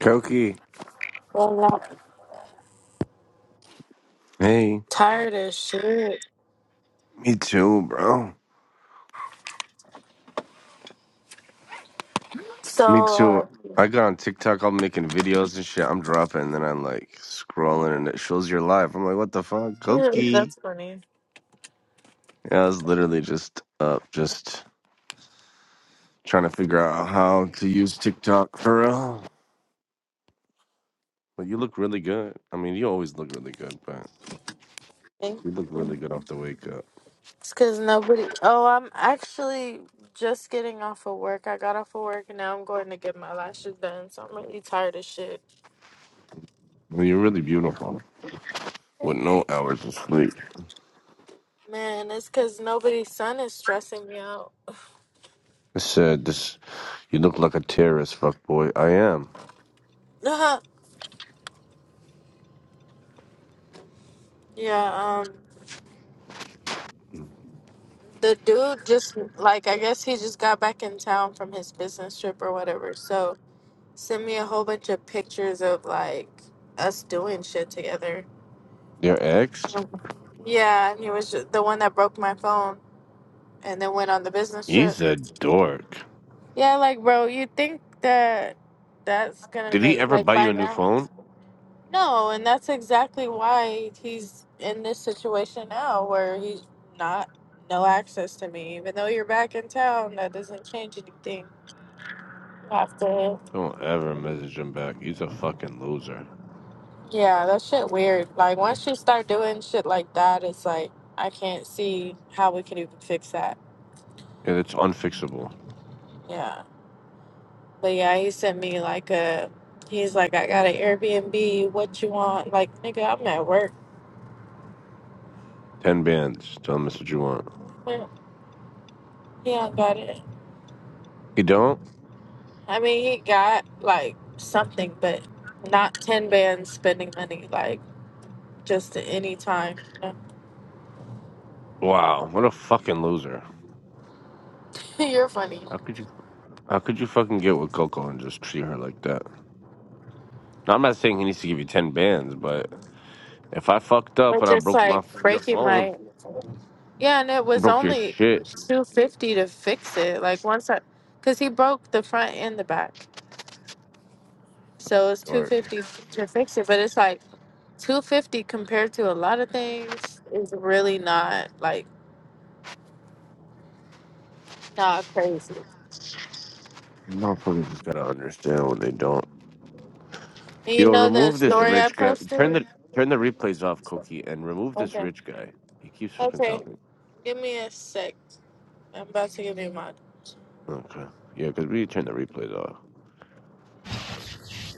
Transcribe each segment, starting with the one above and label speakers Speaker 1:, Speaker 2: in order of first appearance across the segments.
Speaker 1: Koki,
Speaker 2: Well, I'm not
Speaker 1: hey,
Speaker 2: tired as shit.
Speaker 1: me too, bro. Me
Speaker 2: So
Speaker 1: too.
Speaker 2: uh,
Speaker 1: I got on TikTok, I'm making videos and shit. I'm dropping, and then I'm like scrolling, and it shows your life. I'm like, what the fuck,
Speaker 2: yeah,
Speaker 1: Koki?
Speaker 2: That's funny.
Speaker 1: Yeah, I was literally just up, just trying to figure out how to use TikTok for real. But you look really good. I mean, you always look really good, but
Speaker 2: it's
Speaker 1: you look really good off the wake up.
Speaker 2: because nobody. Oh, I'm actually just getting off of work. I got off of work and now I'm going to get my lashes done. So I'm really tired as shit.
Speaker 1: I mean, you're really beautiful
Speaker 2: Thank
Speaker 1: with no
Speaker 2: you.
Speaker 1: hours of sleep.
Speaker 2: Man, it's because nobody's son is stressing me out.
Speaker 1: I said this. You look like a terrorist, fuck boy. I am.
Speaker 2: yeah. Um, the dude just like I guess he just got back in town from his business trip or whatever. So send me a whole bunch of pictures of like us doing shit together.
Speaker 1: Your ex?
Speaker 2: Yeah, and he was ju- the one that broke my phone and then went on the business trip.
Speaker 1: He's a dork.
Speaker 2: Yeah, like bro, you think that that's gonna
Speaker 1: Did he
Speaker 2: make
Speaker 1: ever
Speaker 2: like
Speaker 1: buy
Speaker 2: by
Speaker 1: you a new
Speaker 2: now?
Speaker 1: phone?
Speaker 2: No, and that's exactly why he's in this situation now where he's not no access to me. Even though you're back in town, that doesn't change anything. After
Speaker 1: Don't ever message him back. He's a fucking loser.
Speaker 2: yeah, that shit weird. Like once you start doing shit like that, it's like I can't see how we can even fix that.
Speaker 1: And it's unfixable.
Speaker 2: Yeah. But yeah, he sent me like a. He's like, I got an Airbnb. What you want? Like, nigga, I'm at work.
Speaker 1: Ten bands. Tell him that's what you want.
Speaker 2: Well, He don't got it.
Speaker 1: You don't?
Speaker 2: I mean, he got like something, but not ten bands spending money like just at any time. You know?
Speaker 1: Wow, what a fucking loser.
Speaker 2: You're funny.
Speaker 1: How could you how could you fucking get with Coco and just treat her like that? Now I'm not saying he needs to give you ten bands, but if I fucked up
Speaker 2: But
Speaker 1: and I
Speaker 2: just
Speaker 1: broke my
Speaker 2: like
Speaker 1: f- your
Speaker 2: breaking
Speaker 1: phone,
Speaker 2: my. Yeah, and it was
Speaker 1: broke your
Speaker 2: only
Speaker 1: shit,
Speaker 2: two fifty to fix it. Like once I, cause he broke the front and the back.
Speaker 1: fucking
Speaker 2: So it's two
Speaker 1: dork.
Speaker 2: fifty to fix it, but it's like two fifty compared to a lot of things is really not like not crazy.
Speaker 1: Motherfuckers just gotta understand when they don't.
Speaker 2: And you
Speaker 1: Yo,
Speaker 2: know the
Speaker 1: remove this
Speaker 2: story I
Speaker 1: rich guy.
Speaker 2: posted?
Speaker 1: Turn the turn the replays off, Cookie, and remove this
Speaker 2: Okay.
Speaker 1: rich guy. He keeps fucking
Speaker 2: Okay.
Speaker 1: talking.
Speaker 2: Give me a sec. I'm about to give you mine.
Speaker 1: Okay. Yeah, because we turn the replays off.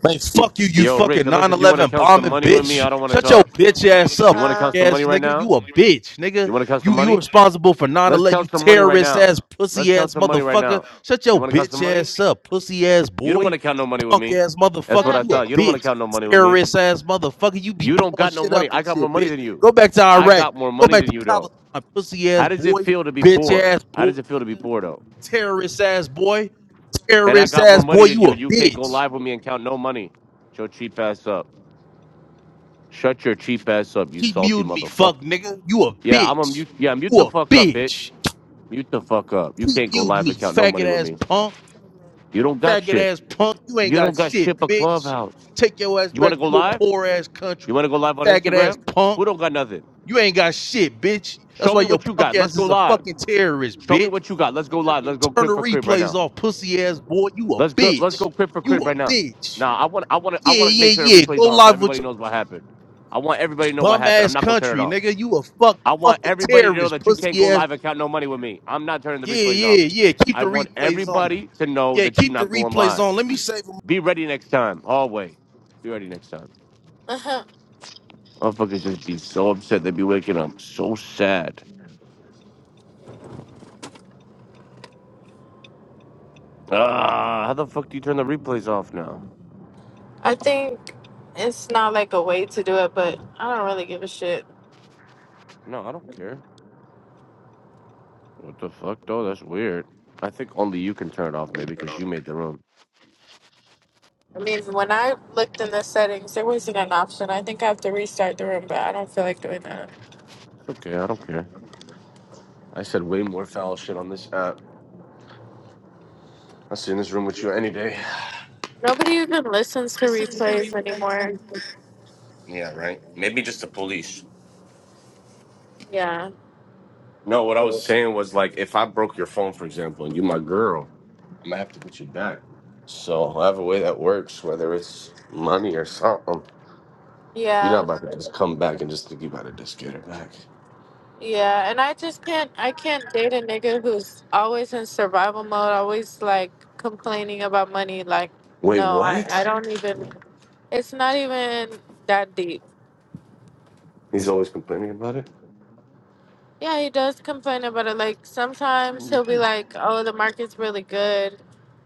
Speaker 3: Like,
Speaker 1: Y-
Speaker 3: fuck you, you
Speaker 1: Yo, Rich,
Speaker 3: fucking
Speaker 1: unless
Speaker 3: 9
Speaker 1: if you want to
Speaker 3: 11
Speaker 1: count some
Speaker 3: bombing
Speaker 1: money with me, I
Speaker 3: bitch.
Speaker 1: don't want to
Speaker 3: Shut your
Speaker 1: talk.
Speaker 3: bitch ass up,
Speaker 1: You want to
Speaker 3: punk
Speaker 2: Uh,
Speaker 1: count some money
Speaker 3: ass
Speaker 1: right
Speaker 3: nigga. You
Speaker 1: now?
Speaker 3: a bitch, nigga.
Speaker 1: You want to count some
Speaker 3: You you
Speaker 1: money?
Speaker 3: responsible for 9
Speaker 1: Let's
Speaker 3: 11, you
Speaker 1: count some money right
Speaker 3: terrorist
Speaker 1: now.
Speaker 3: ass,
Speaker 1: Let's
Speaker 3: pussy
Speaker 1: count
Speaker 3: ass
Speaker 1: some money right
Speaker 3: motherfucker.
Speaker 1: now.
Speaker 3: Shut
Speaker 1: You
Speaker 3: your
Speaker 1: want to count some
Speaker 3: bitch
Speaker 1: money?
Speaker 3: ass up, pussy ass
Speaker 1: You don't want
Speaker 3: boy.
Speaker 1: to count no money with
Speaker 3: Punk
Speaker 1: me.
Speaker 3: ass
Speaker 1: That's
Speaker 3: motherfucker.
Speaker 1: what I
Speaker 2: God
Speaker 3: You a
Speaker 1: thought. You don't want to
Speaker 3: bitch.
Speaker 1: count no money with me.
Speaker 3: Terrorist ass motherfucker. You be
Speaker 1: You don't
Speaker 3: blowing
Speaker 1: got no
Speaker 3: shit
Speaker 1: money.
Speaker 3: up
Speaker 1: I
Speaker 3: and
Speaker 1: got more
Speaker 3: shit,
Speaker 1: money
Speaker 3: bitch.
Speaker 1: than you.
Speaker 3: Go back to
Speaker 1: I
Speaker 3: Iraq.
Speaker 1: got
Speaker 3: bitch.
Speaker 1: more
Speaker 3: Go
Speaker 1: money
Speaker 3: back
Speaker 1: than
Speaker 3: to
Speaker 1: you, though.
Speaker 3: Palestine, pussy
Speaker 1: How
Speaker 3: ass
Speaker 1: does it
Speaker 3: boy.
Speaker 1: feel to be
Speaker 3: Bitch
Speaker 1: poor?
Speaker 3: ass
Speaker 1: How
Speaker 3: boy,
Speaker 1: does it feel to be
Speaker 3: nigga.
Speaker 1: poor, though?
Speaker 3: Terrorist ass boy.
Speaker 1: And I
Speaker 3: Terrorist
Speaker 1: got more
Speaker 3: ass boy.
Speaker 1: money than
Speaker 3: You
Speaker 1: you.
Speaker 3: a
Speaker 1: You can't go
Speaker 3: bitch.
Speaker 1: live with me and count no money. Shut your cheap ass up. Shut your cheap ass up, you
Speaker 3: Keep
Speaker 1: salty
Speaker 3: muting me,
Speaker 1: motherfucker.
Speaker 3: fuck nigga. You a
Speaker 1: Yeah, I'm a
Speaker 3: bitch.
Speaker 1: mute. Yeah, mute
Speaker 3: You
Speaker 1: the
Speaker 3: a
Speaker 1: fuck up, bitch.
Speaker 3: bitch.
Speaker 1: Mute the fuck up. You
Speaker 3: Keep
Speaker 1: can't go
Speaker 3: muting
Speaker 1: live and
Speaker 3: me,
Speaker 1: count no
Speaker 3: faggot
Speaker 1: money with
Speaker 3: ass
Speaker 1: me.
Speaker 3: punk.
Speaker 1: You don't got
Speaker 3: Faggot
Speaker 1: shit.
Speaker 3: ass punk. You ain't
Speaker 1: You don't
Speaker 3: got
Speaker 1: got
Speaker 3: shit,
Speaker 1: shit but
Speaker 3: bitch.
Speaker 1: Clubhouse.
Speaker 3: Take your ass
Speaker 1: You want to
Speaker 3: back to
Speaker 1: go
Speaker 3: your
Speaker 1: live?
Speaker 3: poor ass
Speaker 1: You
Speaker 3: country.
Speaker 1: want to go live on
Speaker 3: Faggot ass
Speaker 1: Instagram?
Speaker 3: punk.
Speaker 1: Who don't got nothing?
Speaker 3: You ain't got shit, bitch. That's
Speaker 1: Show
Speaker 3: why
Speaker 1: me
Speaker 3: your
Speaker 1: what you
Speaker 3: punk
Speaker 1: got. Let's
Speaker 3: ass
Speaker 1: go
Speaker 3: is a
Speaker 1: live.
Speaker 3: fucking terrorist,
Speaker 1: Show me
Speaker 3: bitch.
Speaker 1: what you got.
Speaker 3: Oh,
Speaker 1: Let's go
Speaker 3: nigga.
Speaker 1: live. Let's go
Speaker 3: Turn the
Speaker 1: crib for crib right now.
Speaker 3: replays off, pussy ass boy. You a
Speaker 1: Let's go. Let's go
Speaker 3: bitch.
Speaker 1: crib for
Speaker 3: You
Speaker 1: crib
Speaker 3: a
Speaker 1: right now.
Speaker 3: bitch.
Speaker 1: Nah, I want. I want to. I
Speaker 3: Yeah,
Speaker 1: want to make
Speaker 3: yeah,
Speaker 1: sure the
Speaker 3: yeah.
Speaker 1: replay's
Speaker 3: Go
Speaker 1: on so
Speaker 3: live with
Speaker 1: everybody
Speaker 3: your
Speaker 1: knows what happened. I want everybody to know what
Speaker 3: bum
Speaker 1: happened. I'm
Speaker 3: ass
Speaker 1: not gonna turn it
Speaker 3: country,
Speaker 1: off.
Speaker 3: nigga. You a fuck
Speaker 1: I want
Speaker 3: fucking
Speaker 1: everybody to know
Speaker 3: terrorist,
Speaker 1: that you can't go
Speaker 3: pussy ass
Speaker 1: live and count no money with me. I'm not turning the
Speaker 3: Yeah,
Speaker 1: replays off.
Speaker 3: yeah, yeah. Keep
Speaker 1: I
Speaker 3: the
Speaker 1: want
Speaker 3: replays on.
Speaker 1: everybody to know
Speaker 3: Yeah,
Speaker 1: that you're
Speaker 3: keep the
Speaker 1: not going
Speaker 3: replays
Speaker 1: live.
Speaker 3: on. Let me save them.
Speaker 1: Be ready next time. Always. Be ready next time.
Speaker 2: damn.
Speaker 1: Motherfuckers just be so upset. They be waking up so sad. Ah, how the fuck do you turn the replays off now?
Speaker 2: I think it's not like a way to do it, but I don't really give a shit.
Speaker 1: No, I don't care. What the fuck though? That's weird. I think only you can turn it off, maybe, because you made the room.
Speaker 2: I mean, when I looked in the settings, there wasn't an option. I think I have to restart the room, but I don't feel like doing that.
Speaker 1: Okay, I don't care. I said way more foul shit on this app. I sit in this room with you any day.
Speaker 2: Nobody even listens to replays anymore.
Speaker 1: Yeah, right. Maybe just the police.
Speaker 2: Yeah.
Speaker 1: No, what I was saying was like, if I broke your phone, for example, and you my girl, I'm gonna have to get you back. So however way that works, whether it's money or something, you're not
Speaker 2: Yeah.
Speaker 1: about to just come back and just think you about to just get her back.
Speaker 2: Yeah. And I just can't I can't date a nigga who's always in survival mode, always like complaining about money. Like,
Speaker 1: Wait,
Speaker 2: no, I, I
Speaker 1: what?
Speaker 2: don't even it's not even that deep.
Speaker 1: He's always complaining about it.
Speaker 2: Yeah, he does complain about it. Like sometimes he'll be like, Oh, the market's really good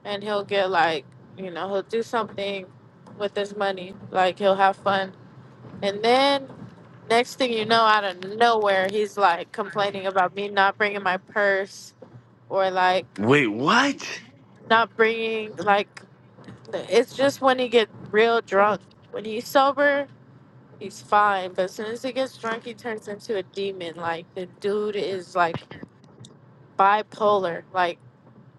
Speaker 2: and he'll get like you know, he'll do something with his money. Like he'll have fun And then next thing you know, out of nowhere, he's like complaining about me not bringing my purse or like
Speaker 1: Wait, what?
Speaker 2: not bringing, like, it's just when he get real drunk. When he's sober, he's fine. But as soon as he gets drunk, he turns into a demon. Like, the dude is like bipolar, like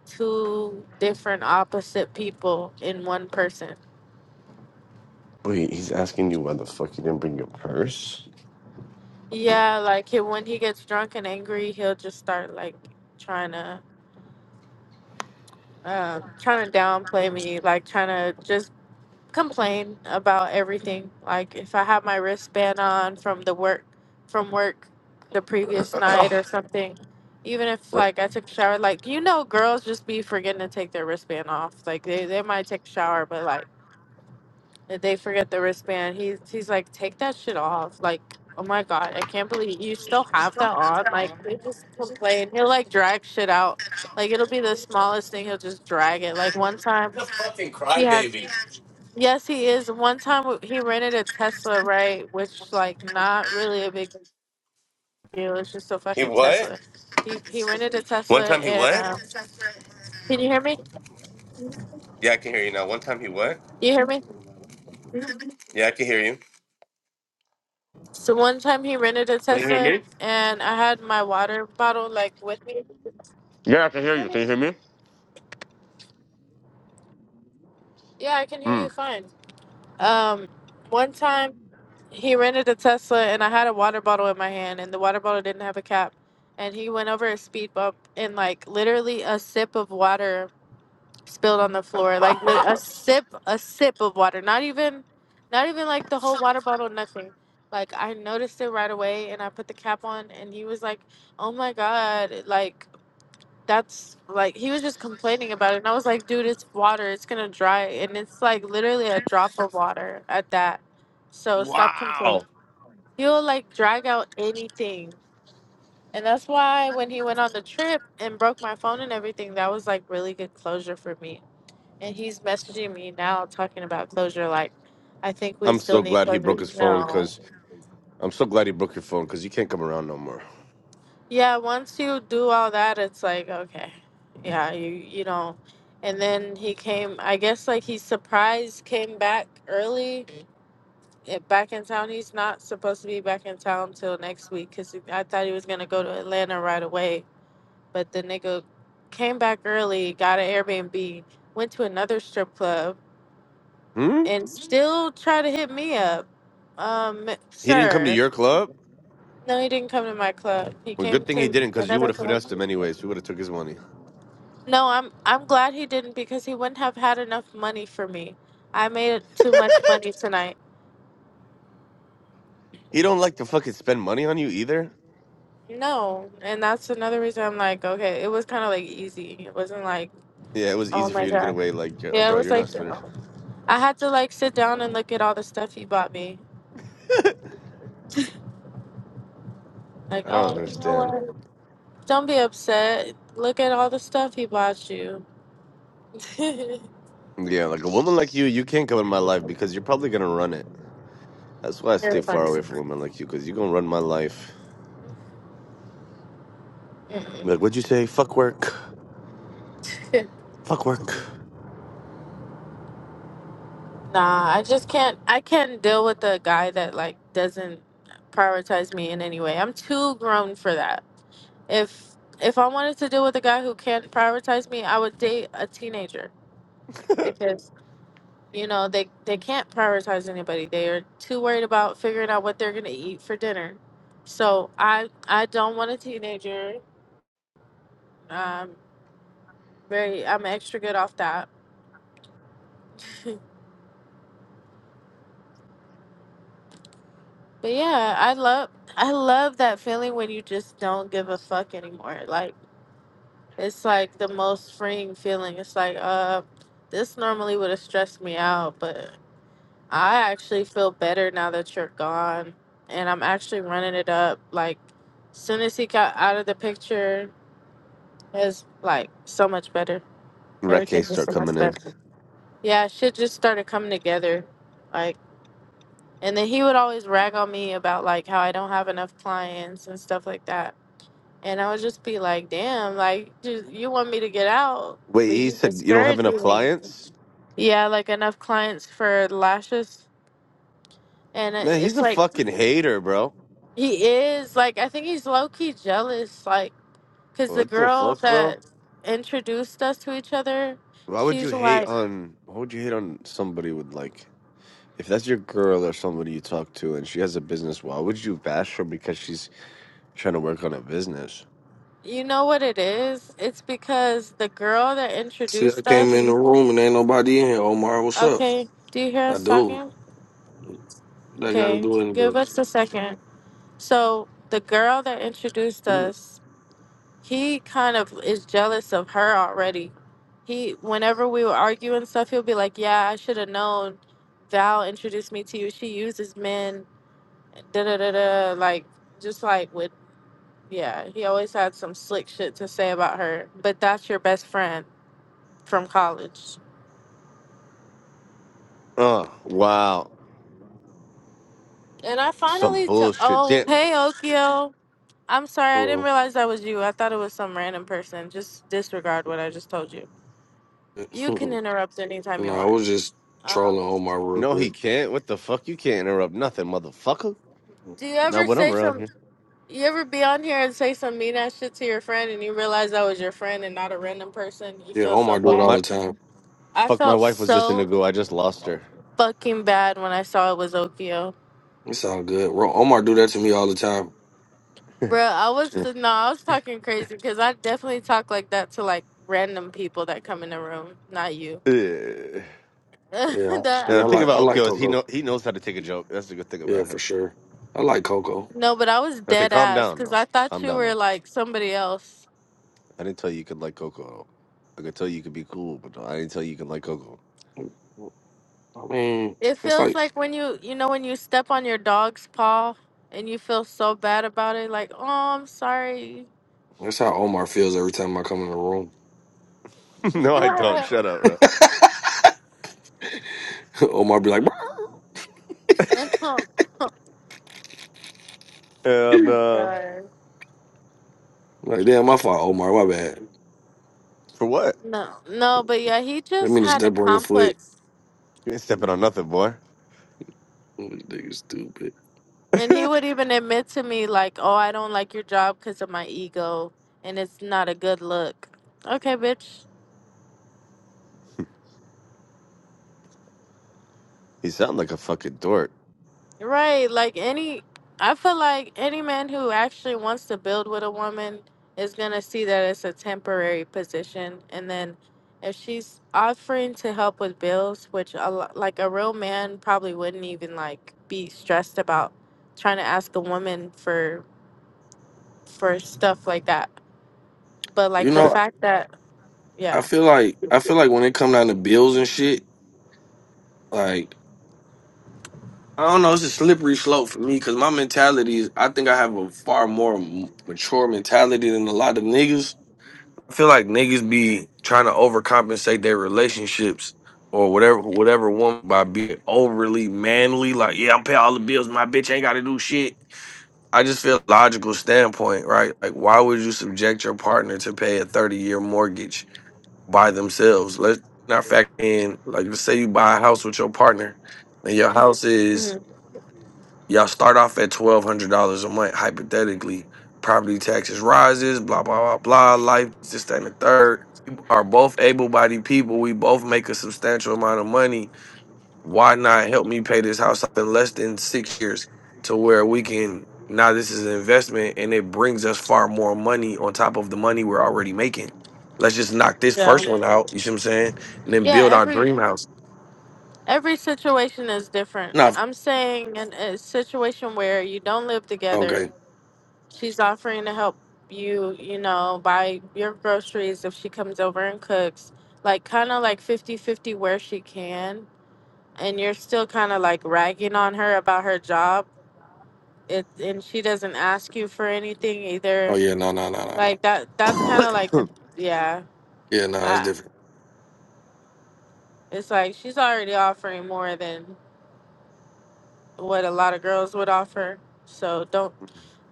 Speaker 2: two different opposite people in one person.
Speaker 1: Wait, he's asking you why the fuck you didn't bring your purse?
Speaker 2: Yeah, like he, when he gets drunk and angry, he'll just start like trying to uh, trying to downplay me, like trying to just complain about everything. Like if I have my wristband on from the work, from work, the previous night or something. Even if
Speaker 1: what
Speaker 2: like I took a shower, like you know, girls just be forgetting to take their wristband off. Like they, they might take a shower, but like if they forget the wristband, he's he's like, take that shit off. Like, oh my god, I can't believe you still have that on. Like, they just complain. He'll like drag shit out. Like, it'll be the smallest thing. He'll just drag it. Like one time he had.
Speaker 1: crybaby.
Speaker 2: Yes, he is. One time he rented a Tesla, right? Which like not really a big deal. It's just a
Speaker 1: He
Speaker 2: fucking
Speaker 1: what?
Speaker 2: Tesla. He he rented a
Speaker 1: One
Speaker 2: Tesla
Speaker 1: time he
Speaker 2: and
Speaker 1: what?
Speaker 2: uh, can you hear me?
Speaker 1: Yeah, I can hear you now. One time he what?
Speaker 2: You hear me?
Speaker 1: Yeah, I can hear you.
Speaker 2: So one time he rented a
Speaker 1: Can you hear
Speaker 2: Tesla
Speaker 1: me?
Speaker 2: and I had my water bottle like with me.
Speaker 1: Yeah, I
Speaker 2: Can
Speaker 1: can
Speaker 2: you
Speaker 1: hear
Speaker 2: hear
Speaker 1: you.
Speaker 2: me?
Speaker 1: Can you hear me?
Speaker 2: Yeah, I can hear
Speaker 1: Mm.
Speaker 2: you fine. Um, one time he rented a Tesla and I had a water bottle in my hand and the water bottle didn't have a cap. And he went over a speed bump and like literally a sip of water spilled on the floor. Like lit- a sip, a sip of water. Not even, not even like the whole water bottle, nothing. Like I noticed it right away and I put the cap on and he was like, "Oh my God!" Like that's like he was just complaining about it and i was like dude it's water it's gonna dry and it's like literally a drop of water at that so stop complaining
Speaker 1: Wow.
Speaker 2: he'll like drag out anything and that's why when he went on the trip and broke my phone and everything that was like really good closure for me and he's messaging me now talking about closure like i think we
Speaker 1: I'm
Speaker 2: still
Speaker 1: so
Speaker 2: need
Speaker 1: glad he
Speaker 2: closure
Speaker 1: broke his phone
Speaker 2: no
Speaker 1: because I'm so glad he broke your phone because you can't come around no more.
Speaker 2: Yeah, once you do all that, it's like, okay. Yeah, you you know. And then he came, I guess like he surprised came back early, eh, back in town. He's not supposed to be back in town till next week cuz I thought he was going to go to Atlanta right away, but the nigga came back early, got an Airbnb, went to another strip club
Speaker 1: Hmm?
Speaker 2: and still try to hit me up. Um,
Speaker 1: He didn't come to
Speaker 2: sir.
Speaker 1: your club?
Speaker 2: No, he didn't come to my club. He
Speaker 1: Well,
Speaker 2: came
Speaker 1: good thing he
Speaker 2: to
Speaker 1: didn't because you
Speaker 2: another
Speaker 1: would have
Speaker 2: club.
Speaker 1: finessed him anyways. We would have took his money.
Speaker 2: No, I'm I'm glad he didn't because he wouldn't have had enough money for me. I made too much money tonight.
Speaker 1: He don't like to fucking spend money on you either.
Speaker 2: No, and that's another reason I'm like, okay, it was kind of like easy. It wasn't like,
Speaker 1: Yeah, it was
Speaker 2: oh
Speaker 1: easy for
Speaker 2: my
Speaker 1: you to get
Speaker 2: god.
Speaker 1: away. Like, "Yeah,
Speaker 2: Yeah, it
Speaker 1: bro,
Speaker 2: was
Speaker 1: you're
Speaker 2: like
Speaker 1: not Spanish.
Speaker 2: I had to like sit down and look at all the stuff he bought me. Like,
Speaker 1: I don't
Speaker 2: oh, you know
Speaker 1: understand.
Speaker 2: what? Don't be upset. Look at all the stuff he bought you. You're
Speaker 1: Yeah, like a woman like you, you can't come in my life because you're probably gonna run it. That's why I stay far
Speaker 2: funny.
Speaker 1: away from women like you because you're gonna run my life.
Speaker 2: Mm-mm.
Speaker 1: Like, what'd you say? Fuck work. Fuck work.
Speaker 2: Nah, I just can't. I can't deal with a guy that like doesn't prioritize me in any way. I'm too grown for that. If if I wanted to deal with a guy who can't prioritize me, I would date a teenager because you know they they can't prioritize anybody. They are too worried about figuring out what they're gonna eat for dinner. So I I don't want a teenager. Um, very I'm extra good off that. But yeah, I love I love that feeling when you just don't give a fuck anymore. Like. It's like the most freeing feeling. It's like, uh, this normally would have stressed me out, but I actually feel better now that you're gone. And I'm actually running it up. Like, soon as he got out of the picture, it's like so much better.
Speaker 1: Reke
Speaker 2: Everything was
Speaker 1: start
Speaker 2: so much
Speaker 1: coming in.
Speaker 2: better. Yeah, shit just started coming together. Like, and then he would always rag on me about like how I don't have enough clients and stuff like that. And I would just be like, damn, like, just, you want me to get out,
Speaker 1: Wait,
Speaker 2: but
Speaker 1: he
Speaker 2: you
Speaker 1: said you don't have enough
Speaker 2: discouraging me.
Speaker 1: clients?
Speaker 2: Yeah, like enough clients for lashes. And it-
Speaker 1: Man, he's
Speaker 2: it's
Speaker 1: a
Speaker 2: like,
Speaker 1: fucking hater, bro.
Speaker 2: he is, like, I think he's low key jealous. Like, because the
Speaker 1: What the
Speaker 2: girl
Speaker 1: fuck, bro?
Speaker 2: that introduced us to each other,
Speaker 1: Why would you
Speaker 2: she's
Speaker 1: hate
Speaker 2: like,
Speaker 1: on? Why would you hate on somebody with like? If that's your girl or somebody you talk to and she has a business, why would you bash her because she's Trying to work on a business.
Speaker 2: you know what it is? It's because the girl that
Speaker 4: See, I
Speaker 2: introduced
Speaker 4: came in
Speaker 2: us,
Speaker 4: the room and ain't nobody in here. Omar, what's up?
Speaker 2: okay, do you hear
Speaker 4: I
Speaker 2: us
Speaker 4: do.
Speaker 2: talking?
Speaker 4: That got to
Speaker 2: Okay,
Speaker 4: do
Speaker 2: give us a second. So, the girl that introduced
Speaker 4: anything.
Speaker 2: us, he kind of is jealous of her already. He, whenever we would argue and stuff, he'll be like, "Yeah, I should have known. Val introduced me to you. She uses men. Da da da da. Like, just like with, yeah. He always had some slick shit to say about her. But that's your best friend from college.
Speaker 1: Oh, wow.
Speaker 2: And I
Speaker 1: Some
Speaker 2: finally, t-
Speaker 1: bullshit.
Speaker 2: oh
Speaker 1: Damn.
Speaker 2: hey Okio, I'm sorry, I didn't
Speaker 4: Hello.
Speaker 2: realize that was you. I thought it was some random person. Just disregard what I just told you. You can interrupt anytime you
Speaker 4: no, I
Speaker 2: want.
Speaker 4: was just
Speaker 2: Um,
Speaker 4: trolling Omar real
Speaker 1: No, he
Speaker 4: quick.
Speaker 1: can't. What the fuck? You can't interrupt nothing, motherfucker.
Speaker 2: Do you
Speaker 1: Not
Speaker 2: ever
Speaker 1: when I'm
Speaker 2: say
Speaker 1: around
Speaker 2: some?
Speaker 1: here.
Speaker 2: You ever be on here and say some mean ass shit to your friend, and you realize that was your friend and not a random person? You
Speaker 4: Yeah,
Speaker 2: feel so
Speaker 4: Omar do it
Speaker 1: Fuck
Speaker 2: bad.
Speaker 4: all
Speaker 1: my
Speaker 4: the time.
Speaker 2: I
Speaker 1: fuck my
Speaker 2: felt
Speaker 1: wife was just in the
Speaker 2: so
Speaker 1: go. I just lost her.
Speaker 2: fucking bad when I saw it was Okio,
Speaker 4: It's all good. Ro- Omar do that to me all the time.
Speaker 2: bro. I was no, I was talking crazy because I definitely talk like that to like random people that come in the room, not you.
Speaker 1: Yeah.
Speaker 2: that
Speaker 4: Yeah,
Speaker 2: I
Speaker 1: Now
Speaker 4: yeah, I
Speaker 2: feel
Speaker 1: think
Speaker 4: like I
Speaker 2: so
Speaker 1: about okay,
Speaker 4: like
Speaker 2: bad.
Speaker 1: well, he
Speaker 4: Coco.
Speaker 1: know he knows how to take a joke. That's the good thing
Speaker 4: Yeah,
Speaker 1: about
Speaker 4: for
Speaker 1: him.
Speaker 4: sure. I like Coco.
Speaker 2: No, but I was
Speaker 1: Okay,
Speaker 2: dead
Speaker 1: calm
Speaker 2: ass
Speaker 1: down
Speaker 2: because
Speaker 1: though.
Speaker 2: I thought
Speaker 1: Calm
Speaker 2: you
Speaker 1: down though.
Speaker 2: were like somebody else.
Speaker 1: I didn't tell you you could like Coco. I could tell you could be cool, but no, I didn't tell you you can like Coco.
Speaker 4: I mean,
Speaker 2: It
Speaker 4: it's
Speaker 2: feels
Speaker 4: like
Speaker 2: like when you, you know, when you step on your dog's paw and you feel so bad about it, like, oh, I'm sorry.
Speaker 4: that's how Omar feels every time I come in the room.
Speaker 1: no, I don't.
Speaker 2: oh
Speaker 1: Shut up, bro.
Speaker 4: Omar be like, "Bruh."
Speaker 1: And
Speaker 2: my
Speaker 1: uh,
Speaker 2: god.
Speaker 4: like damn, my fault, Omar. My bad.
Speaker 1: for what?
Speaker 2: No, no, but yeah, he
Speaker 4: Let
Speaker 2: just
Speaker 4: me just
Speaker 2: had a
Speaker 4: step on your foot.
Speaker 2: complex.
Speaker 1: You ain't stepping on nothing, boy.
Speaker 4: Nigga, stupid.
Speaker 2: And he
Speaker 1: you
Speaker 2: would even admit to me, like, oh, I don't like your job because of my ego and it's not a good look. Okay, bitch.
Speaker 1: sound like a fucking dork.
Speaker 2: Right, like any, I feel like any man who actually wants to build with a woman is gonna see that it's a temporary position, and then if she's offering to help with bills, which a lo- like a real man probably wouldn't even like be stressed about trying to ask a woman for for stuff like that. But
Speaker 4: You
Speaker 2: like the
Speaker 4: know,
Speaker 2: fact that,
Speaker 4: I
Speaker 2: yeah,
Speaker 4: feel like I feel like when it come down to bills and shit, like I don't know, it's a slippery slope for me because my mentality is I think I have a far more m- mature mentality than a lot of niggas. I feel like niggas be trying to overcompensate their relationships or whatever whatever woman by being overly manly. Like, yeah, I'm paying all the bills, my bitch ain't got to do shit. I just feel logical standpoint, right? Like, why would you subject your partner to pay a thirty year mortgage? by themselves. Let's not factor in like let's say you buy a house with your partner, and your house
Speaker 2: hmm
Speaker 4: is y'all start off at twelve hundred dollars a month hypothetically. Property taxes rises, blah blah blah blah. Life this that, and the third. We Are both able-bodied people. We both make a substantial amount of money why not help me pay this house off in less than six years to where we can now this is an investment and it brings us far more money on top of the money we're already making. Let's just knock this
Speaker 2: yeah,
Speaker 4: first one out, you see what I'm saying? And then
Speaker 2: yeah,
Speaker 4: build our
Speaker 2: every
Speaker 4: dream house.
Speaker 2: every situation is different.
Speaker 4: Nah f-
Speaker 2: I'm saying in a situation where you don't live together
Speaker 4: okay.
Speaker 2: She's offering to help you, you know, buy your groceries if she comes over and cooks. Like, kind of like fifty-fifty where she can. And you're still kind of like ragging on her about her job. It, and she doesn't ask you for anything
Speaker 4: Oh
Speaker 2: either.
Speaker 4: yeah, no, no, no, no, no.
Speaker 2: Like, that, that's kind of like
Speaker 1: yeah,
Speaker 2: the, yeah.
Speaker 4: Yeah, no, that's
Speaker 2: I,
Speaker 4: different.
Speaker 2: it's like she's already offering more than what a lot of girls would offer. So don't,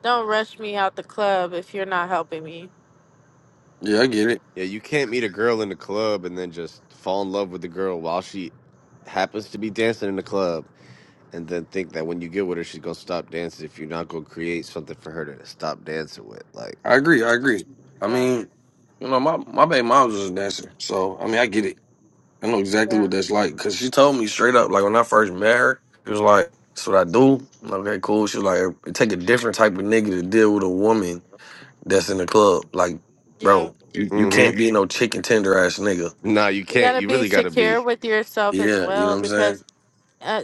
Speaker 2: don't rush me out the club if you're not helping me.
Speaker 4: Yeah, I get it.
Speaker 1: you can't meet a girl in the club and then just fall in love with the girl while she happens to be dancing in the club, and then think that when you get with her, she's gonna stop dancing if you're not gonna create something for her to stop dancing with. Like,
Speaker 4: I agree, I agree. I
Speaker 2: Yeah.
Speaker 4: mean, you know, my, my baby mom was a dancer. So I mean I get it. I know exactly
Speaker 2: Yeah.
Speaker 4: what that's like because she told me straight up. Like when I first met her, she was like, "That's what I do." I'm like, Okay, cool. She was like, "It take a different type of nigga to deal with a woman that's in the club." Like,
Speaker 2: Yeah.
Speaker 4: bro, you, you can't
Speaker 1: mm-hmm.
Speaker 4: be no chicken tender ass nigga.
Speaker 1: Nah, you
Speaker 2: You
Speaker 1: can't.
Speaker 2: gotta
Speaker 1: You
Speaker 2: be
Speaker 1: really gotta
Speaker 2: secure
Speaker 1: be.
Speaker 2: with yourself as
Speaker 4: Yeah, you know
Speaker 2: well
Speaker 4: what I'm
Speaker 2: because
Speaker 4: saying?
Speaker 2: uh,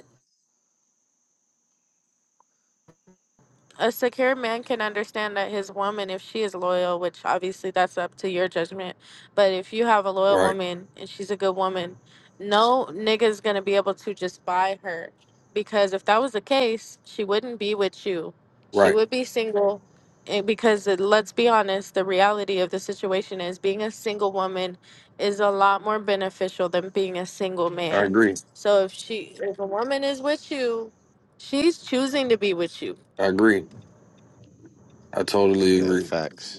Speaker 2: a secure man can understand that his woman, if she is loyal, which obviously that's up to your judgment, but if you have a loyal
Speaker 4: Right,
Speaker 2: woman and she's a good woman, no nigga's gonna be able to just buy her. Because if that was the case, she wouldn't be with you. She
Speaker 4: right.
Speaker 2: would be single. And because it, let's be honest, the reality of the situation is being a single woman is a lot more beneficial than being a single
Speaker 4: I
Speaker 2: man.
Speaker 4: agree.
Speaker 2: So if she, if a woman is with you, she's choosing to be with you
Speaker 4: I agree. I totally
Speaker 1: Yeah,
Speaker 4: agree.
Speaker 1: facts.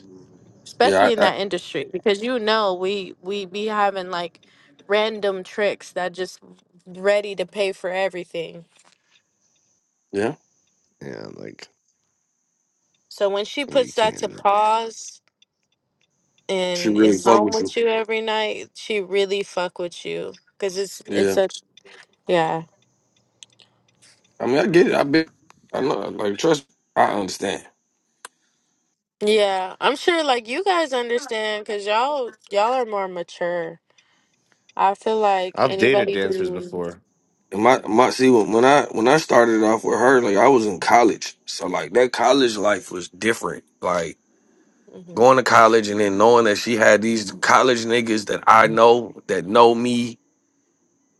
Speaker 4: Yeah,
Speaker 2: especially in
Speaker 4: I, I
Speaker 2: that industry because you know we we be having like random tricks that just ready to pay for everything
Speaker 4: yeah.
Speaker 1: Yeah, like
Speaker 2: so when she
Speaker 1: well, you
Speaker 2: puts that
Speaker 1: can't.
Speaker 2: to pause
Speaker 4: She
Speaker 2: and
Speaker 4: really
Speaker 2: is
Speaker 4: fuck
Speaker 2: home
Speaker 4: with you.
Speaker 2: with you every night she really fuck with you because it's it's
Speaker 4: Yeah.
Speaker 2: such yeah
Speaker 4: I mean, I get it. I been. I know. Like, trust. I understand.
Speaker 2: yeah i'm sure like you guys understand because y'all y'all are more mature i feel like
Speaker 1: I've dated
Speaker 2: anybody
Speaker 1: dancers
Speaker 2: do
Speaker 1: before.
Speaker 4: And my my see when when I when I started off with her, like I was in college, so like that college life was different. Like
Speaker 2: Mhm.
Speaker 4: going to college and then knowing that she had these college niggas that I know that know me,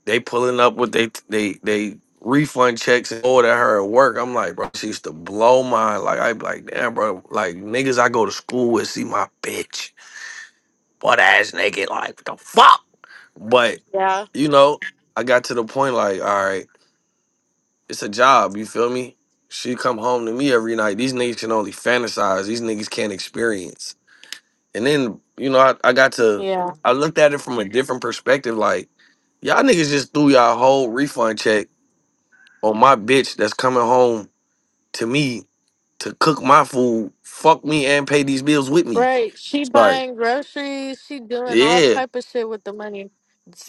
Speaker 4: they pulling up with they they they refund checks and order her at work. I'm like, bro, she used to blow my like I be like, damn, bro, like niggas I go to school with see my bitch, butt ass naked, like what the fuck, but
Speaker 2: yeah
Speaker 4: you know. I got to the point like, all right. it's a job. You feel me? She come home to me every night. These niggas can only fantasize. These niggas can't experience. And then you know, I, I got to.
Speaker 2: yeah
Speaker 4: I looked at it from a different perspective. Like y'all niggas just threw y'all whole refund check on my bitch that's coming home to me to cook my food, fuck me, and pay these bills with me.
Speaker 2: Right. She
Speaker 4: Like
Speaker 2: buying groceries. She doing all
Speaker 4: yeah,
Speaker 2: type of shit with the money.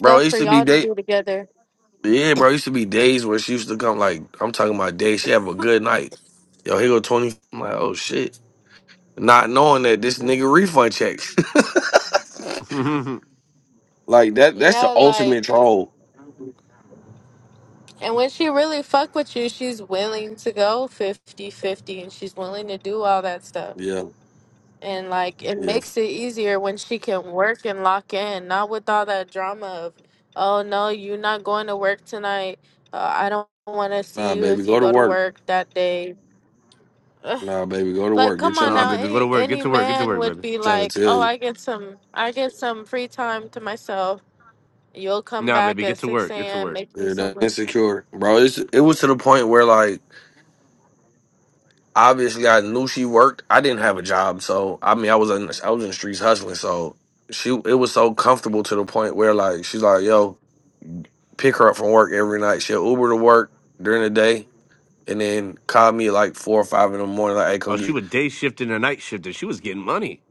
Speaker 4: bro. It
Speaker 2: for
Speaker 4: used to be
Speaker 2: y'all to
Speaker 4: day.
Speaker 2: do together.
Speaker 4: Yeah, bro. It used to be days where she used to come. Like I'm talking about days. She have a good night. Yo, here go twenty. I'm like, oh shit. not knowing that this nigga refund check.
Speaker 1: nah,
Speaker 4: like that that's
Speaker 2: Yeah,
Speaker 4: the ultimate
Speaker 2: like,
Speaker 4: troll.
Speaker 2: and when she really fuck with you, she's willing to go fifty fifty, and she's willing to do all that stuff.
Speaker 4: Yeah,
Speaker 2: And like, it
Speaker 4: yeah.
Speaker 2: makes it easier when she can work and lock in, not with all that drama of, oh no, you're not going to work tonight. Uh, I don't want to see
Speaker 4: Nah,
Speaker 2: you
Speaker 4: baby,
Speaker 2: if you
Speaker 4: go to
Speaker 2: go to
Speaker 4: work.
Speaker 2: work that day.
Speaker 4: Nah, baby, go to
Speaker 2: Like,
Speaker 4: work.
Speaker 2: come
Speaker 4: Get your
Speaker 2: on now,
Speaker 4: money. I'm
Speaker 1: baby, go to
Speaker 2: any
Speaker 1: work. Get
Speaker 2: any
Speaker 1: to work. Get to
Speaker 2: man
Speaker 1: work,
Speaker 2: would
Speaker 1: baby.
Speaker 2: be
Speaker 4: trying to
Speaker 2: like,
Speaker 4: tell
Speaker 2: "Oh,
Speaker 4: you.
Speaker 2: I get some, I get some free time to myself. You'll come
Speaker 1: Nah,
Speaker 2: back
Speaker 1: baby,
Speaker 2: at
Speaker 1: get to
Speaker 2: six
Speaker 1: work. Get to
Speaker 2: a.m.
Speaker 1: work.
Speaker 2: Make me
Speaker 4: Yeah, that
Speaker 2: something.
Speaker 4: insecure. Bro, it's, it was to the point where like obviously I knew she worked. I didn't have a job, so I mean I was in I was in the streets hustling, so she it was so comfortable to the point where like she's like, yo, pick her up from work every night. She'll Uber to work during the day and then call me at, like four or five in the morning, like, hey,
Speaker 1: Oh,
Speaker 4: come
Speaker 1: she
Speaker 4: get
Speaker 1: was day shifting and night shifting. She was getting money.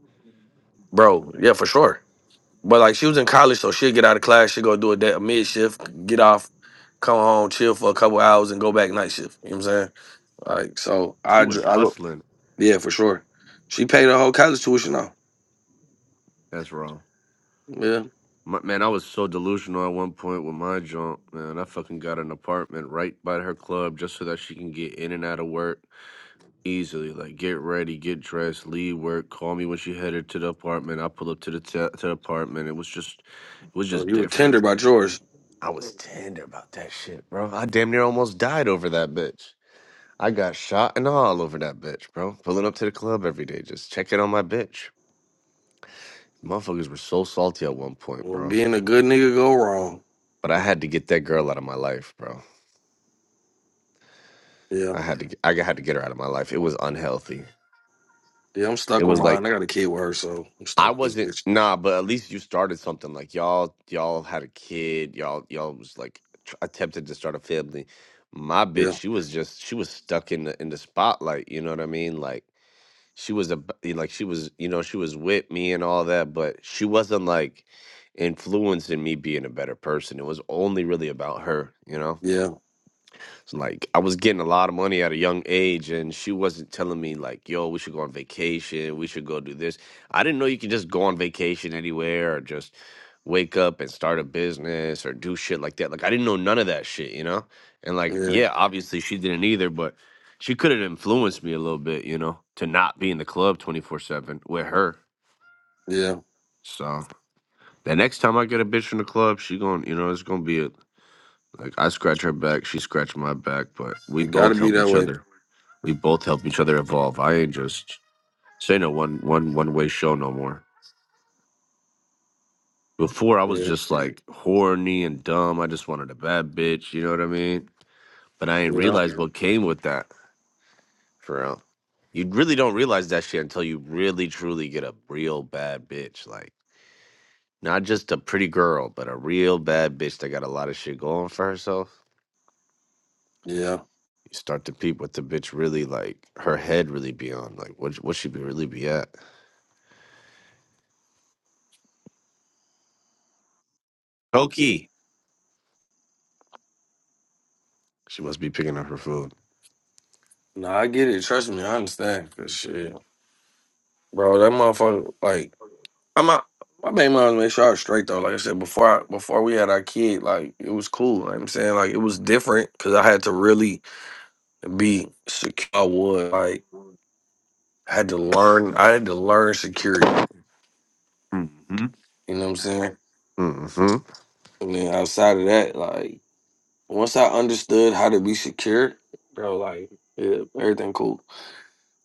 Speaker 4: bro, yeah, for sure. But like she was in college, so she'll get out of class, she'll go do a, day, a mid shift, get off, come home, chill for a couple hours, and go back night shift. You know what I'm saying? Like so,
Speaker 1: She
Speaker 4: I
Speaker 1: was
Speaker 4: dr- I go
Speaker 1: hustling.
Speaker 4: yeah for sure. She paid her whole college tuition though.
Speaker 1: That's wrong.
Speaker 4: Yeah,
Speaker 1: My, man, I was so delusional at one point with my junk. Man, I fucking got an apartment right by her club just so that she can get in and out of work easily. Like, get ready, get dressed, leave work. Call me when she headed to the apartment. I pull up to the t- to the apartment. It was just, it was
Speaker 4: So
Speaker 1: just
Speaker 4: you were
Speaker 1: different.
Speaker 4: tender by George.
Speaker 1: I was tender about that shit, bro. I damn near almost died over that bitch. I got shot and all over that bitch, bro. Pulling up to the club every day, just checking on my bitch. Motherfuckers were so salty at one point,
Speaker 4: Well,
Speaker 1: bro.
Speaker 4: being a good nigga go wrong.
Speaker 1: But I had to get that girl out of my life, bro.
Speaker 4: Yeah,
Speaker 1: I had to, get, I had to get her out of my life. It was unhealthy.
Speaker 4: yeah. I'm
Speaker 1: It
Speaker 4: stuck with
Speaker 1: was like
Speaker 4: mine. I got a kid with her, so I'm
Speaker 1: I
Speaker 4: stuck with this
Speaker 1: wasn't
Speaker 4: bitch.
Speaker 1: nah, but at least you started something. Like y'all, y'all had a kid. Y'all, y'all was like tr- attempted to start a family. My bitch,
Speaker 4: Yeah,
Speaker 1: she was just, she was stuck in the in the spotlight. You know what I mean? Like. she was a b- like she was you know she was with me and all that but she wasn't like influencing me being a better person it was only really about her you know
Speaker 4: yeah,
Speaker 1: so, like I was getting a lot of money at a young age, and she wasn't telling me like, "Yo, we should go on vacation. We should go do this." I didn't know you could just go on vacation anywhere, or just wake up and start a business, or do shit like that. Like I didn't know none of that shit, you know. And like,
Speaker 4: yeah,
Speaker 1: yeah, obviously she didn't either, but she could have influenced me a little bit, you know, to not be in the club twenty four seven with her.
Speaker 4: yeah.
Speaker 1: So the next time I get a bitch from the club, she going, to you know, it's gonna be a, like I scratch her back, she scratch my back, but we
Speaker 4: It gotta
Speaker 1: both
Speaker 4: be
Speaker 1: help
Speaker 4: that
Speaker 1: each
Speaker 4: way.
Speaker 1: other. We both help each other evolve. I ain't just say no one one one way show no more. Before I was
Speaker 4: Yeah,
Speaker 1: just like horny and dumb. I just wanted a bad bitch, you know what I mean? But I ain't
Speaker 4: yeah,
Speaker 1: realized what came with that for real. You really don't realize that shit until you really truly get a real bad bitch. Like not just a pretty girl, but a real bad bitch that got a lot of shit going for herself.
Speaker 4: yeah.
Speaker 1: You start to peep what the bitch really like her head really be on. Like what what she be really be at. Pokey. She must be picking up her food.
Speaker 4: Nah, I get it. Trust me, I understand. Cause shit, bro, that motherfucker like. I'm not, my main mom made sure I was straight though. Like I said before, I, before we had our kid, like it was cool. Like I'm saying, like it was different because I had to really be secure. I was like I had to learn. I had to learn security.
Speaker 1: Mm-hmm.
Speaker 4: You know what I'm saying?
Speaker 1: Mm-hmm.
Speaker 4: And then outside of that, like once I understood how to be secure, bro, like yeah, everything cool.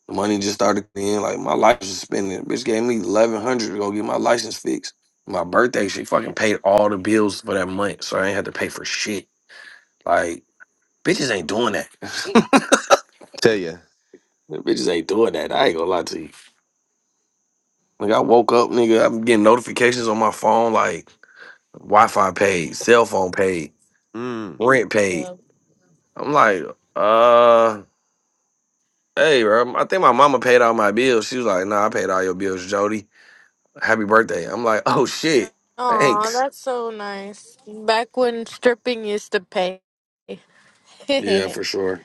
Speaker 4: The money just started in. Like my life was spending. Bitch gave me eleven hundred to go get my license fixed. My birthday, she fucking paid all the bills for that month, so I ain't had to pay for shit. Like, bitches ain't doing that.
Speaker 1: Tell you.
Speaker 4: bitches ain't doing that. I ain't gonna lie to you. Like, I woke up, nigga, I'm getting notifications on my phone, like Wi Fi paid, cell phone paid,
Speaker 1: Mm.
Speaker 4: rent paid.
Speaker 2: Yeah.
Speaker 4: I'm like, uh, hey, bro, I think my mama paid all my bills. She was like, nah, I paid all your bills, Jody. Happy birthday. I'm like, oh shit,
Speaker 2: Oh,
Speaker 4: thanks.
Speaker 2: that's so nice. Back when stripping used to pay,
Speaker 4: Yeah,
Speaker 2: bitches
Speaker 4: for sure.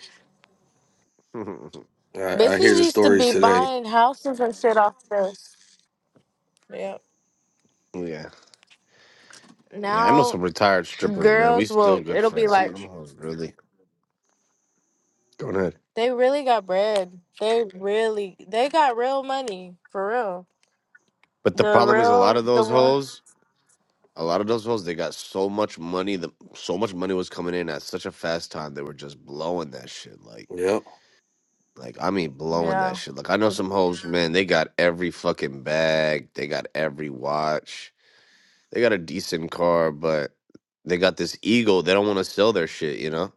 Speaker 4: I, I hear the
Speaker 2: used to
Speaker 4: stories
Speaker 2: be
Speaker 4: today.
Speaker 2: buying houses and shit off this. Yeah.
Speaker 1: yeah. Yeah, I know
Speaker 2: Now
Speaker 1: some retired strippers, man. We
Speaker 2: girls
Speaker 1: still
Speaker 2: will.
Speaker 1: good
Speaker 2: It'll be
Speaker 1: friends. Some of
Speaker 2: like
Speaker 1: them hoes, really. Go ahead.
Speaker 2: they really got bread. They really they got real money for real.
Speaker 1: But the
Speaker 2: The
Speaker 1: problem is a lot
Speaker 2: real
Speaker 1: of
Speaker 2: the
Speaker 1: those
Speaker 2: one.
Speaker 1: hoes, a lot of those hoes, they got so much money. The so much money was coming in at such a fast time. They were just blowing that shit. Like,
Speaker 4: Yep.
Speaker 1: like I mean, blowing that
Speaker 2: Yeah.
Speaker 1: shit. Like I know some hoes, man. They got every fucking bag. They got every watch. They got a decent car, but they got this ego. They don't want to sell their shit. You know.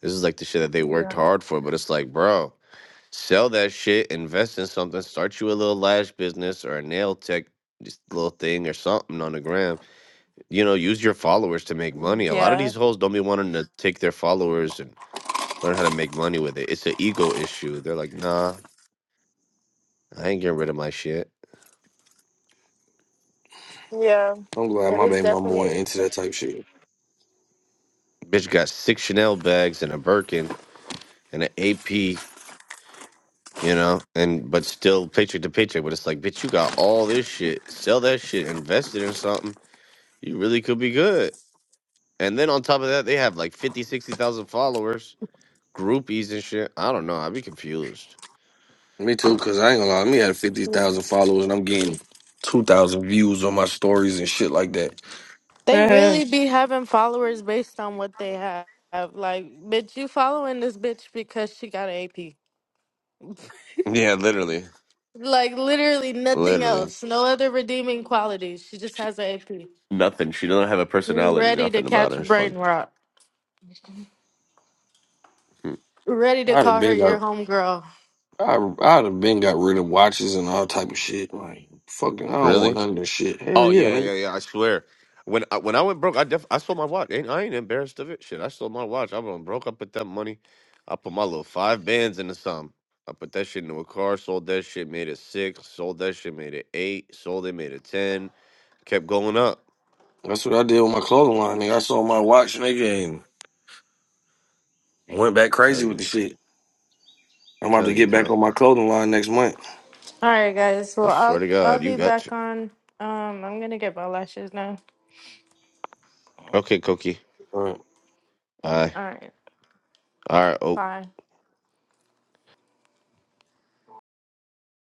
Speaker 1: This is like the shit that they
Speaker 2: Yeah.
Speaker 1: worked hard for, but it's like, bro, sell that shit, invest in something, start you a little lash business or a nail tech just little thing or something on the gram. You know, use your followers to make money. A lot of
Speaker 2: Yeah.
Speaker 1: these hoes don't be wanting to take their followers and learn how to make money with it. It's an ego issue. They're like, nah, I ain't getting rid of my shit.
Speaker 2: Yeah.
Speaker 4: I'm glad
Speaker 2: It
Speaker 4: my
Speaker 2: is
Speaker 4: baby mama went
Speaker 2: definitely.
Speaker 4: into that type shit.
Speaker 1: Bitch got six Chanel bags and a Birkin and an AP you know, and but still paycheck to paycheck. But it's like, bitch, you got all this shit. Sell that shit, invest it in something, You really could be good. And then on top of that, they have like 50, 60,000 followers, groupies and shit. I don't know. I'd be confused.
Speaker 4: Me too, cause I ain't gonna lie, me had fifty thousand followers and I'm getting two thousand views on my stories and shit like that.
Speaker 2: They
Speaker 4: Man,
Speaker 2: really be having followers based on what they have. Like, bitch, you following this bitch because she got an AP.
Speaker 1: Yeah, literally,
Speaker 2: Like, literally nothing
Speaker 1: literally
Speaker 2: else. No other redeeming qualities. She just has an AP.
Speaker 1: Nothing. She doesn't have a
Speaker 2: You're
Speaker 1: personality.
Speaker 2: ready to
Speaker 1: Nothing about
Speaker 2: catch
Speaker 1: her is
Speaker 2: brain
Speaker 1: fun.
Speaker 2: rot.
Speaker 1: Hmm.
Speaker 2: Ready to
Speaker 4: I'd have
Speaker 2: call her
Speaker 4: been
Speaker 2: your
Speaker 4: got
Speaker 2: homegirl.
Speaker 4: I I'd have been got rid of watches and all type of shit. Like fucking, I don't want
Speaker 1: really.
Speaker 4: none of this shit. Hell
Speaker 1: Oh
Speaker 4: yeah,
Speaker 1: yeah,
Speaker 4: nigga.
Speaker 1: yeah, yeah. I swear. When I, when I went broke, I def I stole my watch. Ain't I ain't embarrassed of it. Shit, I stole my watch. I went broke. I put that money. I put my little five bands into some. I put that shit into a car. Sold that shit. Made it six. Sold that shit. Made it eight. Sold it. Made it ten. Kept going up.
Speaker 4: That's what I did with my clothing line, nigga. I sold my watch, nigga, and went back
Speaker 1: Tell
Speaker 4: crazy with
Speaker 1: you,
Speaker 4: the shit. I'm about to
Speaker 1: telling you,
Speaker 4: get back
Speaker 1: bro.
Speaker 4: on my clothing line next month.
Speaker 2: All right, guys. Well,
Speaker 1: I swear
Speaker 2: I'll
Speaker 1: to
Speaker 2: I'll
Speaker 1: God, you
Speaker 2: be
Speaker 1: got
Speaker 2: back
Speaker 1: to.
Speaker 2: on. Um, I'm gonna get my lashes now.
Speaker 1: Okay, Koki. All right,
Speaker 2: All right.
Speaker 1: all right, Oak.
Speaker 2: Bye.